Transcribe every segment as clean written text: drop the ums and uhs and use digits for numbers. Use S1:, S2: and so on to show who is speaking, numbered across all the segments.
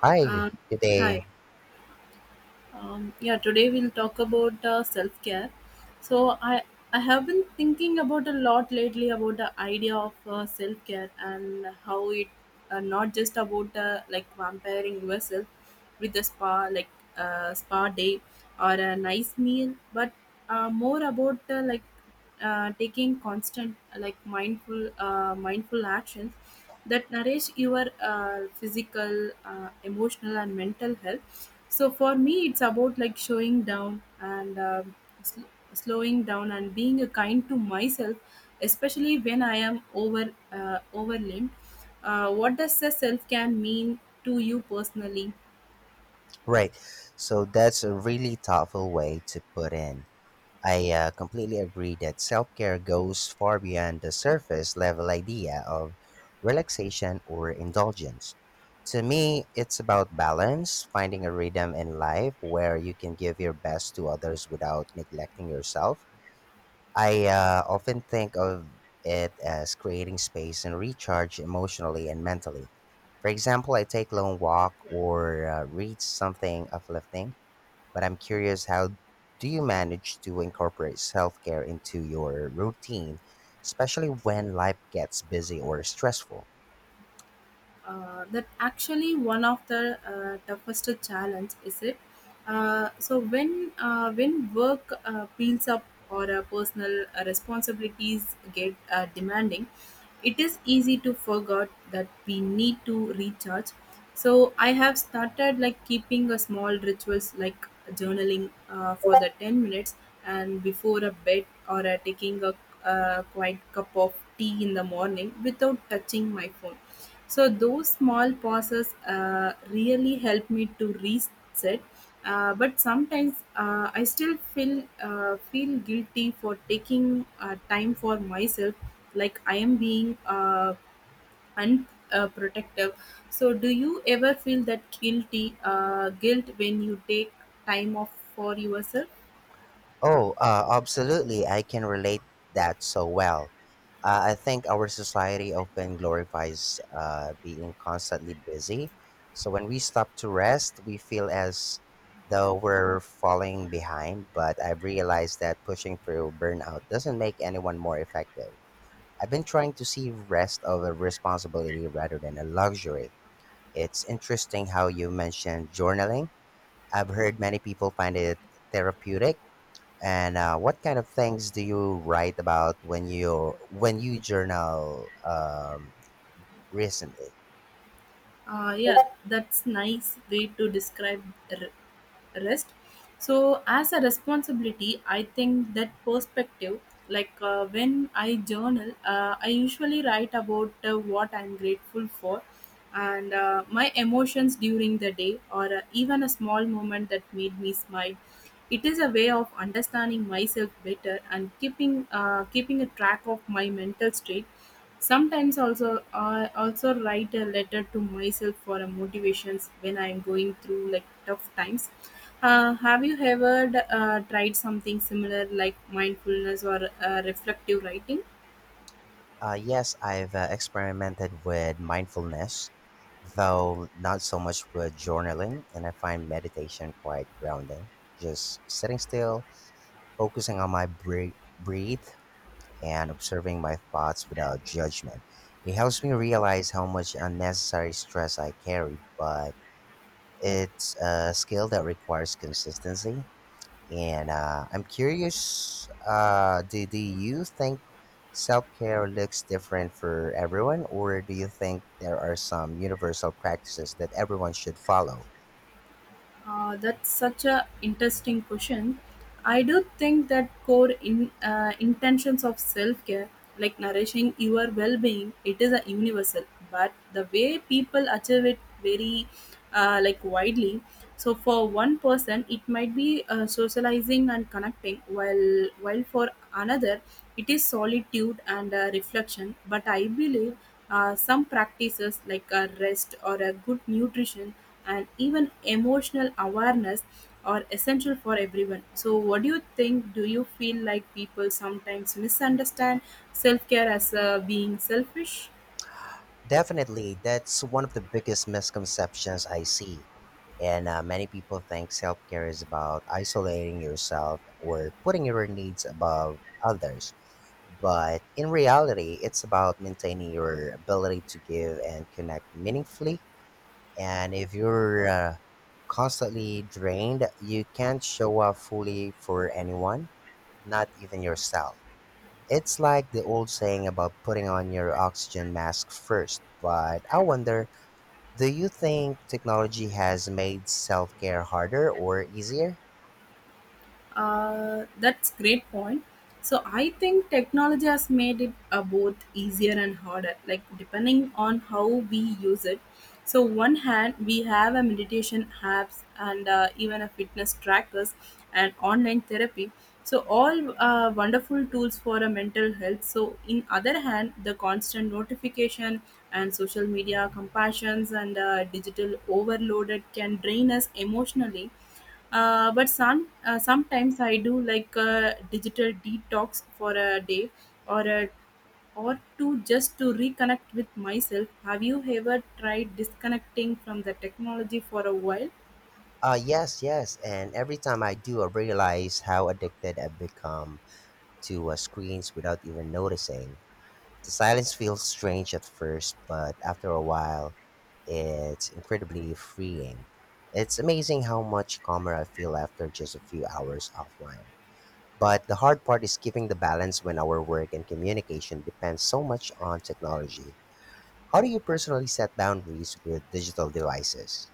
S1: Hi,
S2: Uh,
S1: good day.
S2: Hi. Yeah, today we'll talk about self care. So I have been thinking about a lot lately about the idea of self care, and how it not just about like vampiring yourself with a spa like spa day or a nice meal, but more about like taking constant like mindful mindful actions that nourish your physical, emotional and mental health. So for me it's about like showing down and sl- slowing down and being a kind to myself, especially when I am overwhelmed. What does the self can mean to you personally?
S1: Right. So that's a really thoughtful way to put in. I completely agree that self care goes far beyond the surface level idea of relaxation or indulgence. To me, it's about balance, finding a rhythm in life where you can give your best to others without neglecting yourself. I often think of it as creating space and recharge emotionally and mentally. For example, I take long walk or read something uplifting, but I'm curious, how do you manage to incorporate self-care into your routine, especially when life gets busy or stressful?
S2: That actually one of the toughest challenge is it. So when work piles up or personal responsibilities get demanding. It is easy to forget that we need to recharge. So I have started like keeping a small rituals like journaling for the 10 minutes and before a bed, or taking a quiet cup of tea in the morning without touching my phone. So those small pauses really help me to reset. But sometimes I still feel guilty for taking time for myself, like I am being unprotective. So, do you ever feel that guilt when you take time off for yourself?
S1: Oh, absolutely. I can relate that so well. I think our society often glorifies being constantly busy. So when we stop to rest, we feel as though we're falling behind. But I've realized that pushing through burnout doesn't make anyone more effective. I've been trying to see rest of a responsibility rather than a luxury. It's interesting how you mentioned journaling. I've heard many people find it therapeutic, and what kind of things do you write about when you journal recently?
S2: Yeah, that's nice way to describe rest. So as a responsibility, I think that perspective, like when I journal, I usually write about what I'm grateful for and my emotions during the day or even a small moment that made me smile. It is a way of understanding myself better and keeping a track of my mental state. Sometimes also I also write a letter to myself for a motivations when I'm going through like tough times. Have you ever tried something similar like mindfulness or reflective writing?
S1: Yes, I've experimented with mindfulness, though not so much with journaling, and I find meditation quite grounding. Just sitting still, focusing on my breathe, and observing my thoughts without judgment. It helps me realize how much unnecessary stress I carry, but it's a skill that requires consistency. And I'm curious, do you think self care looks different for everyone, or do you think there are some universal practices that everyone should follow?
S2: That's such a interesting question. I do think that core in intentions of self care, like nourishing your well being, it is a universal. But the way people achieve it very like widely. So for one person it might be socializing and connecting, while for another it is solitude and reflection. But I believe some practices like a rest or a good nutrition and even emotional awareness are essential for everyone. So what do you think? Do you feel like people sometimes misunderstand self-care as being selfish?
S1: Definitely, that's one of the biggest misconceptions I see. And many people think self-care is about isolating yourself or putting your needs above others. But in reality, it's about maintaining your ability to give and connect meaningfully. And if you're constantly drained, you can't show up fully for anyone, not even yourself. It's like the old saying about putting on your oxygen mask first. But I wonder, do you think technology has made self care harder or easier?
S2: That's great point. So I think technology has made it both easier and harder, like depending on how we use it. So one hand we have a meditation apps and even a fitness trackers and online therapy. So all wonderful tools for a mental health. So in other hand, the constant notification and social media compassions and digital overloaded can drain us emotionally. But sometimes I do like a digital detox for a day or a or to just to reconnect with myself. Have you ever tried disconnecting from the technology for a while?
S1: Yes. And every time I do, I realize how addicted I've become to screens without even noticing. The silence feels strange at first, but after a while, it's incredibly freeing. It's amazing how much calmer I feel after just a few hours offline. But the hard part is keeping the balance when our work and communication depends so much on technology. How do you personally set boundaries with digital devices?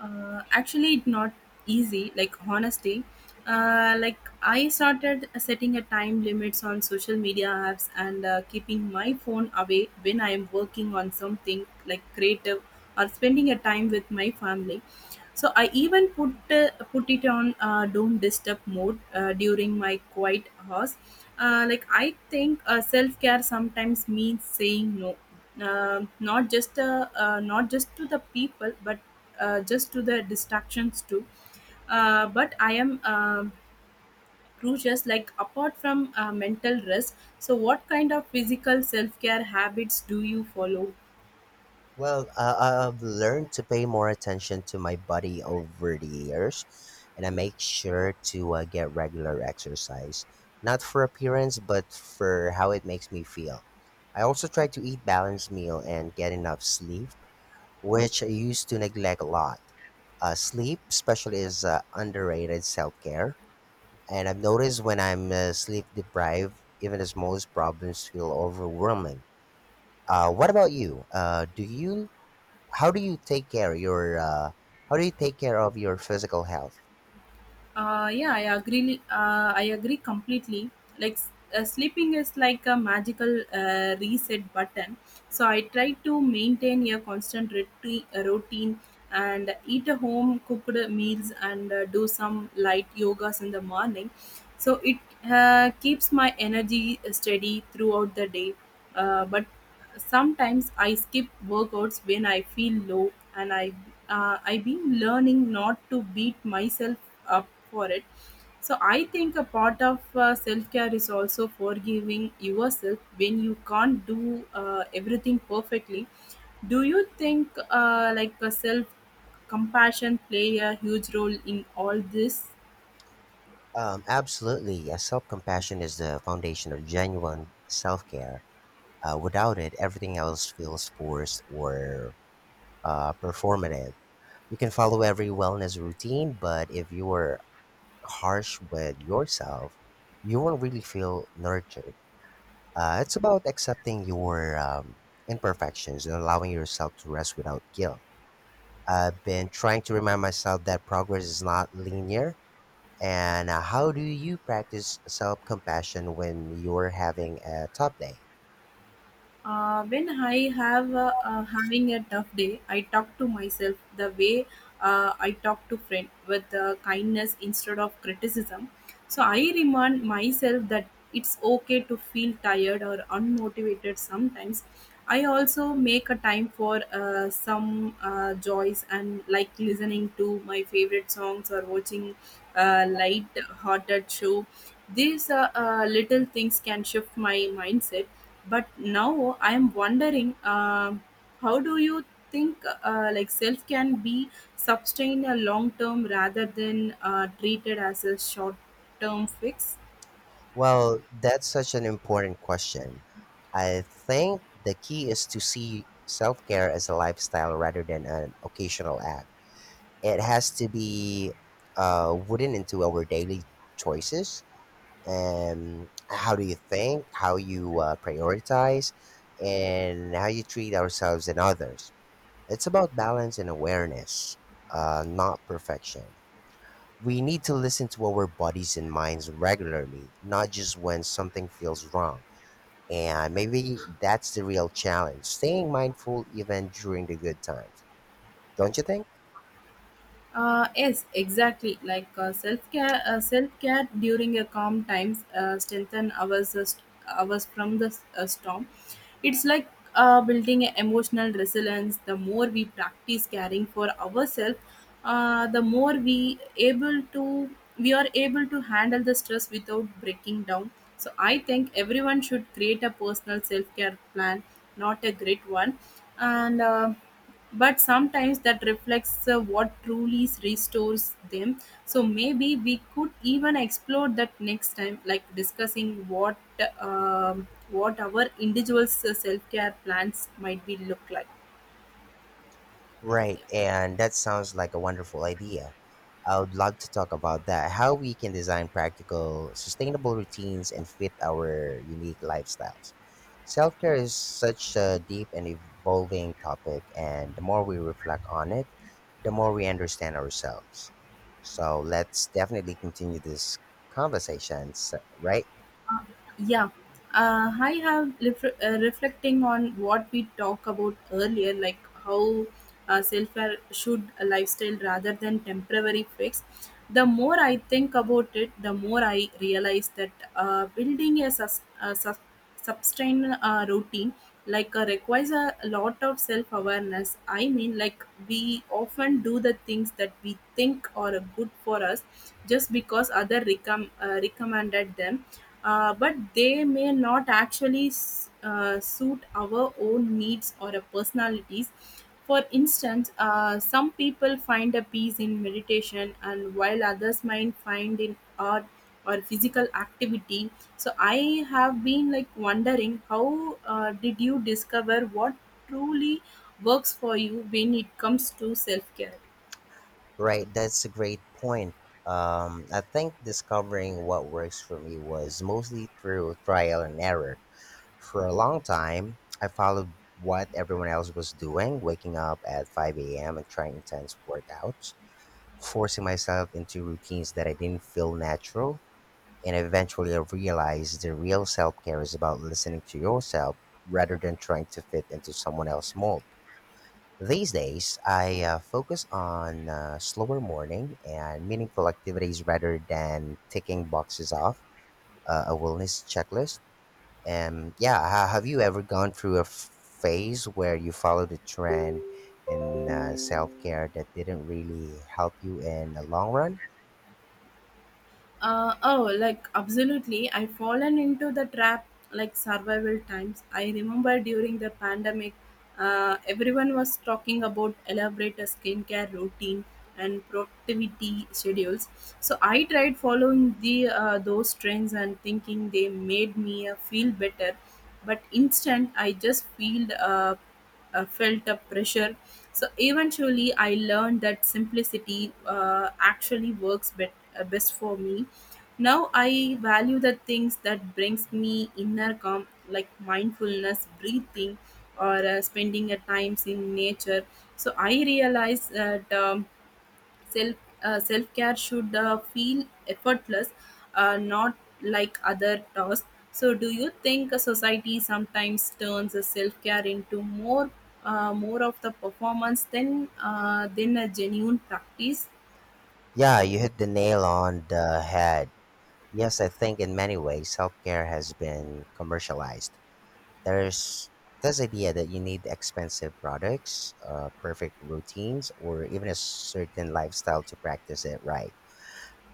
S2: Actually it's not easy, like honestly. Like I started setting a time limits on social media apps and keeping my phone away when I am working on something like creative or spending a time with my family. So I even put it on don't disturb mode during my quiet hours. Like I think self-care sometimes means saying no, not just to the people, but just to the distractions too. But I am crucious. Like apart from mental rest, so what kind of physical self care habits do you follow?
S1: Well, I've learned to pay more attention to my body over the years, and I make sure to get regular exercise, not for appearance, but for how it makes me feel. I also try to eat balanced meal and get enough sleep, which I used to neglect a lot. Sleep, especially, is underrated self care, and I've noticed when I'm sleep deprived, even the smallest problems feel overwhelming. What about you? Do you how do you take care your how do you take care of your physical health?
S2: Yeah, I agree. I agree completely. Like sleeping is like a magical reset button. So I try to maintain a constant routine and eat a home cooked meals, and do some light yogas in the morning. So it keeps my energy steady throughout the day. But sometimes I skip workouts when I feel low, and I've been learning not to beat myself up for it. So I think a part of self care is also forgiving yourself when you can't do everything perfectly. Do you think like self compassion play a huge role in all this?
S1: Absolutely. Self compassion is the foundation of genuine self care. Without it, everything else feels forced or performative. You can follow every wellness routine, but if you are harsh with yourself, you won't really feel nurtured. It's about accepting your imperfections and allowing yourself to rest without guilt. I've been trying to remind myself that progress is not linear. And how do you practice self compassion when you're having a tough day?
S2: When I have having a tough day, I talk to myself the way I talk to friend with kindness instead of criticism. So I remind myself that it's okay to feel tired or unmotivated sometimes. I also make a time for some joys, and like listening to my favorite songs or watching a light-hearted show. These little things can shift my mindset. But now I'm wondering, how do you think like self can be sustained a long term rather than treated as a short term fix?
S1: Well, that's such an important question. I think the key is to see self care as a lifestyle rather than an occasional act. It has to be wooden into our daily choices, and how do you think, how you prioritize, and how you treat ourselves and others. It's about balance and awareness, not perfection. We need to listen to our bodies and minds regularly, not just when something feels wrong. And maybe that's the real challenge staying mindful even during the good times. Don't you think?
S2: Yes, exactly. Like self care during a calm times strengthen ours from the storm. It's like building a emotional resilience. The more we practice caring for ourselves, the more we are able to handle the stress without breaking down. So I think everyone should create a personal self care plan, not a great one, and. But sometimes that reflects what truly restores them. So maybe we could even explore that next time, like discussing what our individuals self-care plans might be look like.
S1: Right, and that sounds like a wonderful idea. I would love to talk about that. How we can design practical, sustainable routines and fit our unique lifestyles. Self care is such a deep and evolving topic, and the more we reflect on it, the more we understand ourselves. So let's definitely continue this conversation, right?
S2: Yeah, I have reflecting on what we talked about earlier, like how self-care should a lifestyle rather than temporary fix. The more I think about it, the more I realize that building a sustain a routine like requires a lot of self awareness. I mean, like, we often do the things that we think are good for us just because other recommended them. But they may not actually suit our own needs or personalities. For instance, some people find a peace in meditation, and while others might find in art or physical activity. So I have been like wondering, how did you discover what truly works for you when it comes to self care?
S1: Right, that's a great point. I think discovering what works for me was mostly through trial and error. For a long time, I followed what everyone else was doing, waking up at 5 a.m. and trying intense workouts, forcing myself into routines that I didn't feel natural. And eventually, I realized the real self care is about listening to yourself rather than trying to fit into someone else's mold. These days, I focus on slower morning and meaningful activities rather than ticking boxes off a wellness checklist. And yeah, have you ever gone through a phase where you followed a trend in self care that didn't really help you in the long run?
S2: Oh, like absolutely. I've fallen into the trap like survival times. I remember during the pandemic, everyone was talking about elaborate skincare routine and productivity schedules. So I tried following the those trends and thinking they made me feel better, but instant I just feel felt a pressure. So eventually, I learned that simplicity actually works best for me. Now I value the things that brings me inner calm, like mindfulness, breathing, or spending a times in nature. So I realize that. Self self care should feel effortless, not like other tasks. So, do you think a society sometimes turns self care into more of the performance than than a genuine practice?
S1: Yeah, you hit the nail on the head. Yes, I think in many ways self care has been commercialized. There's this idea that you need expensive products, perfect routines, or even a certain lifestyle to practice it right.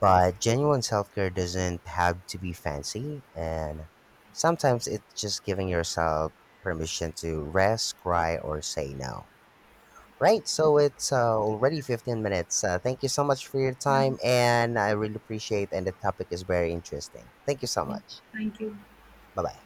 S1: But genuine self care doesn't have to be fancy, and sometimes it's just giving yourself permission to rest, cry, or say no. Right, so it's already 15 minutes. Thank you so much for your
S2: Yeah.
S1: time, and I really appreciate. And the topic is very interesting. Thank you so
S2: Yeah,
S1: much.
S2: thank you.
S1: Bye bye.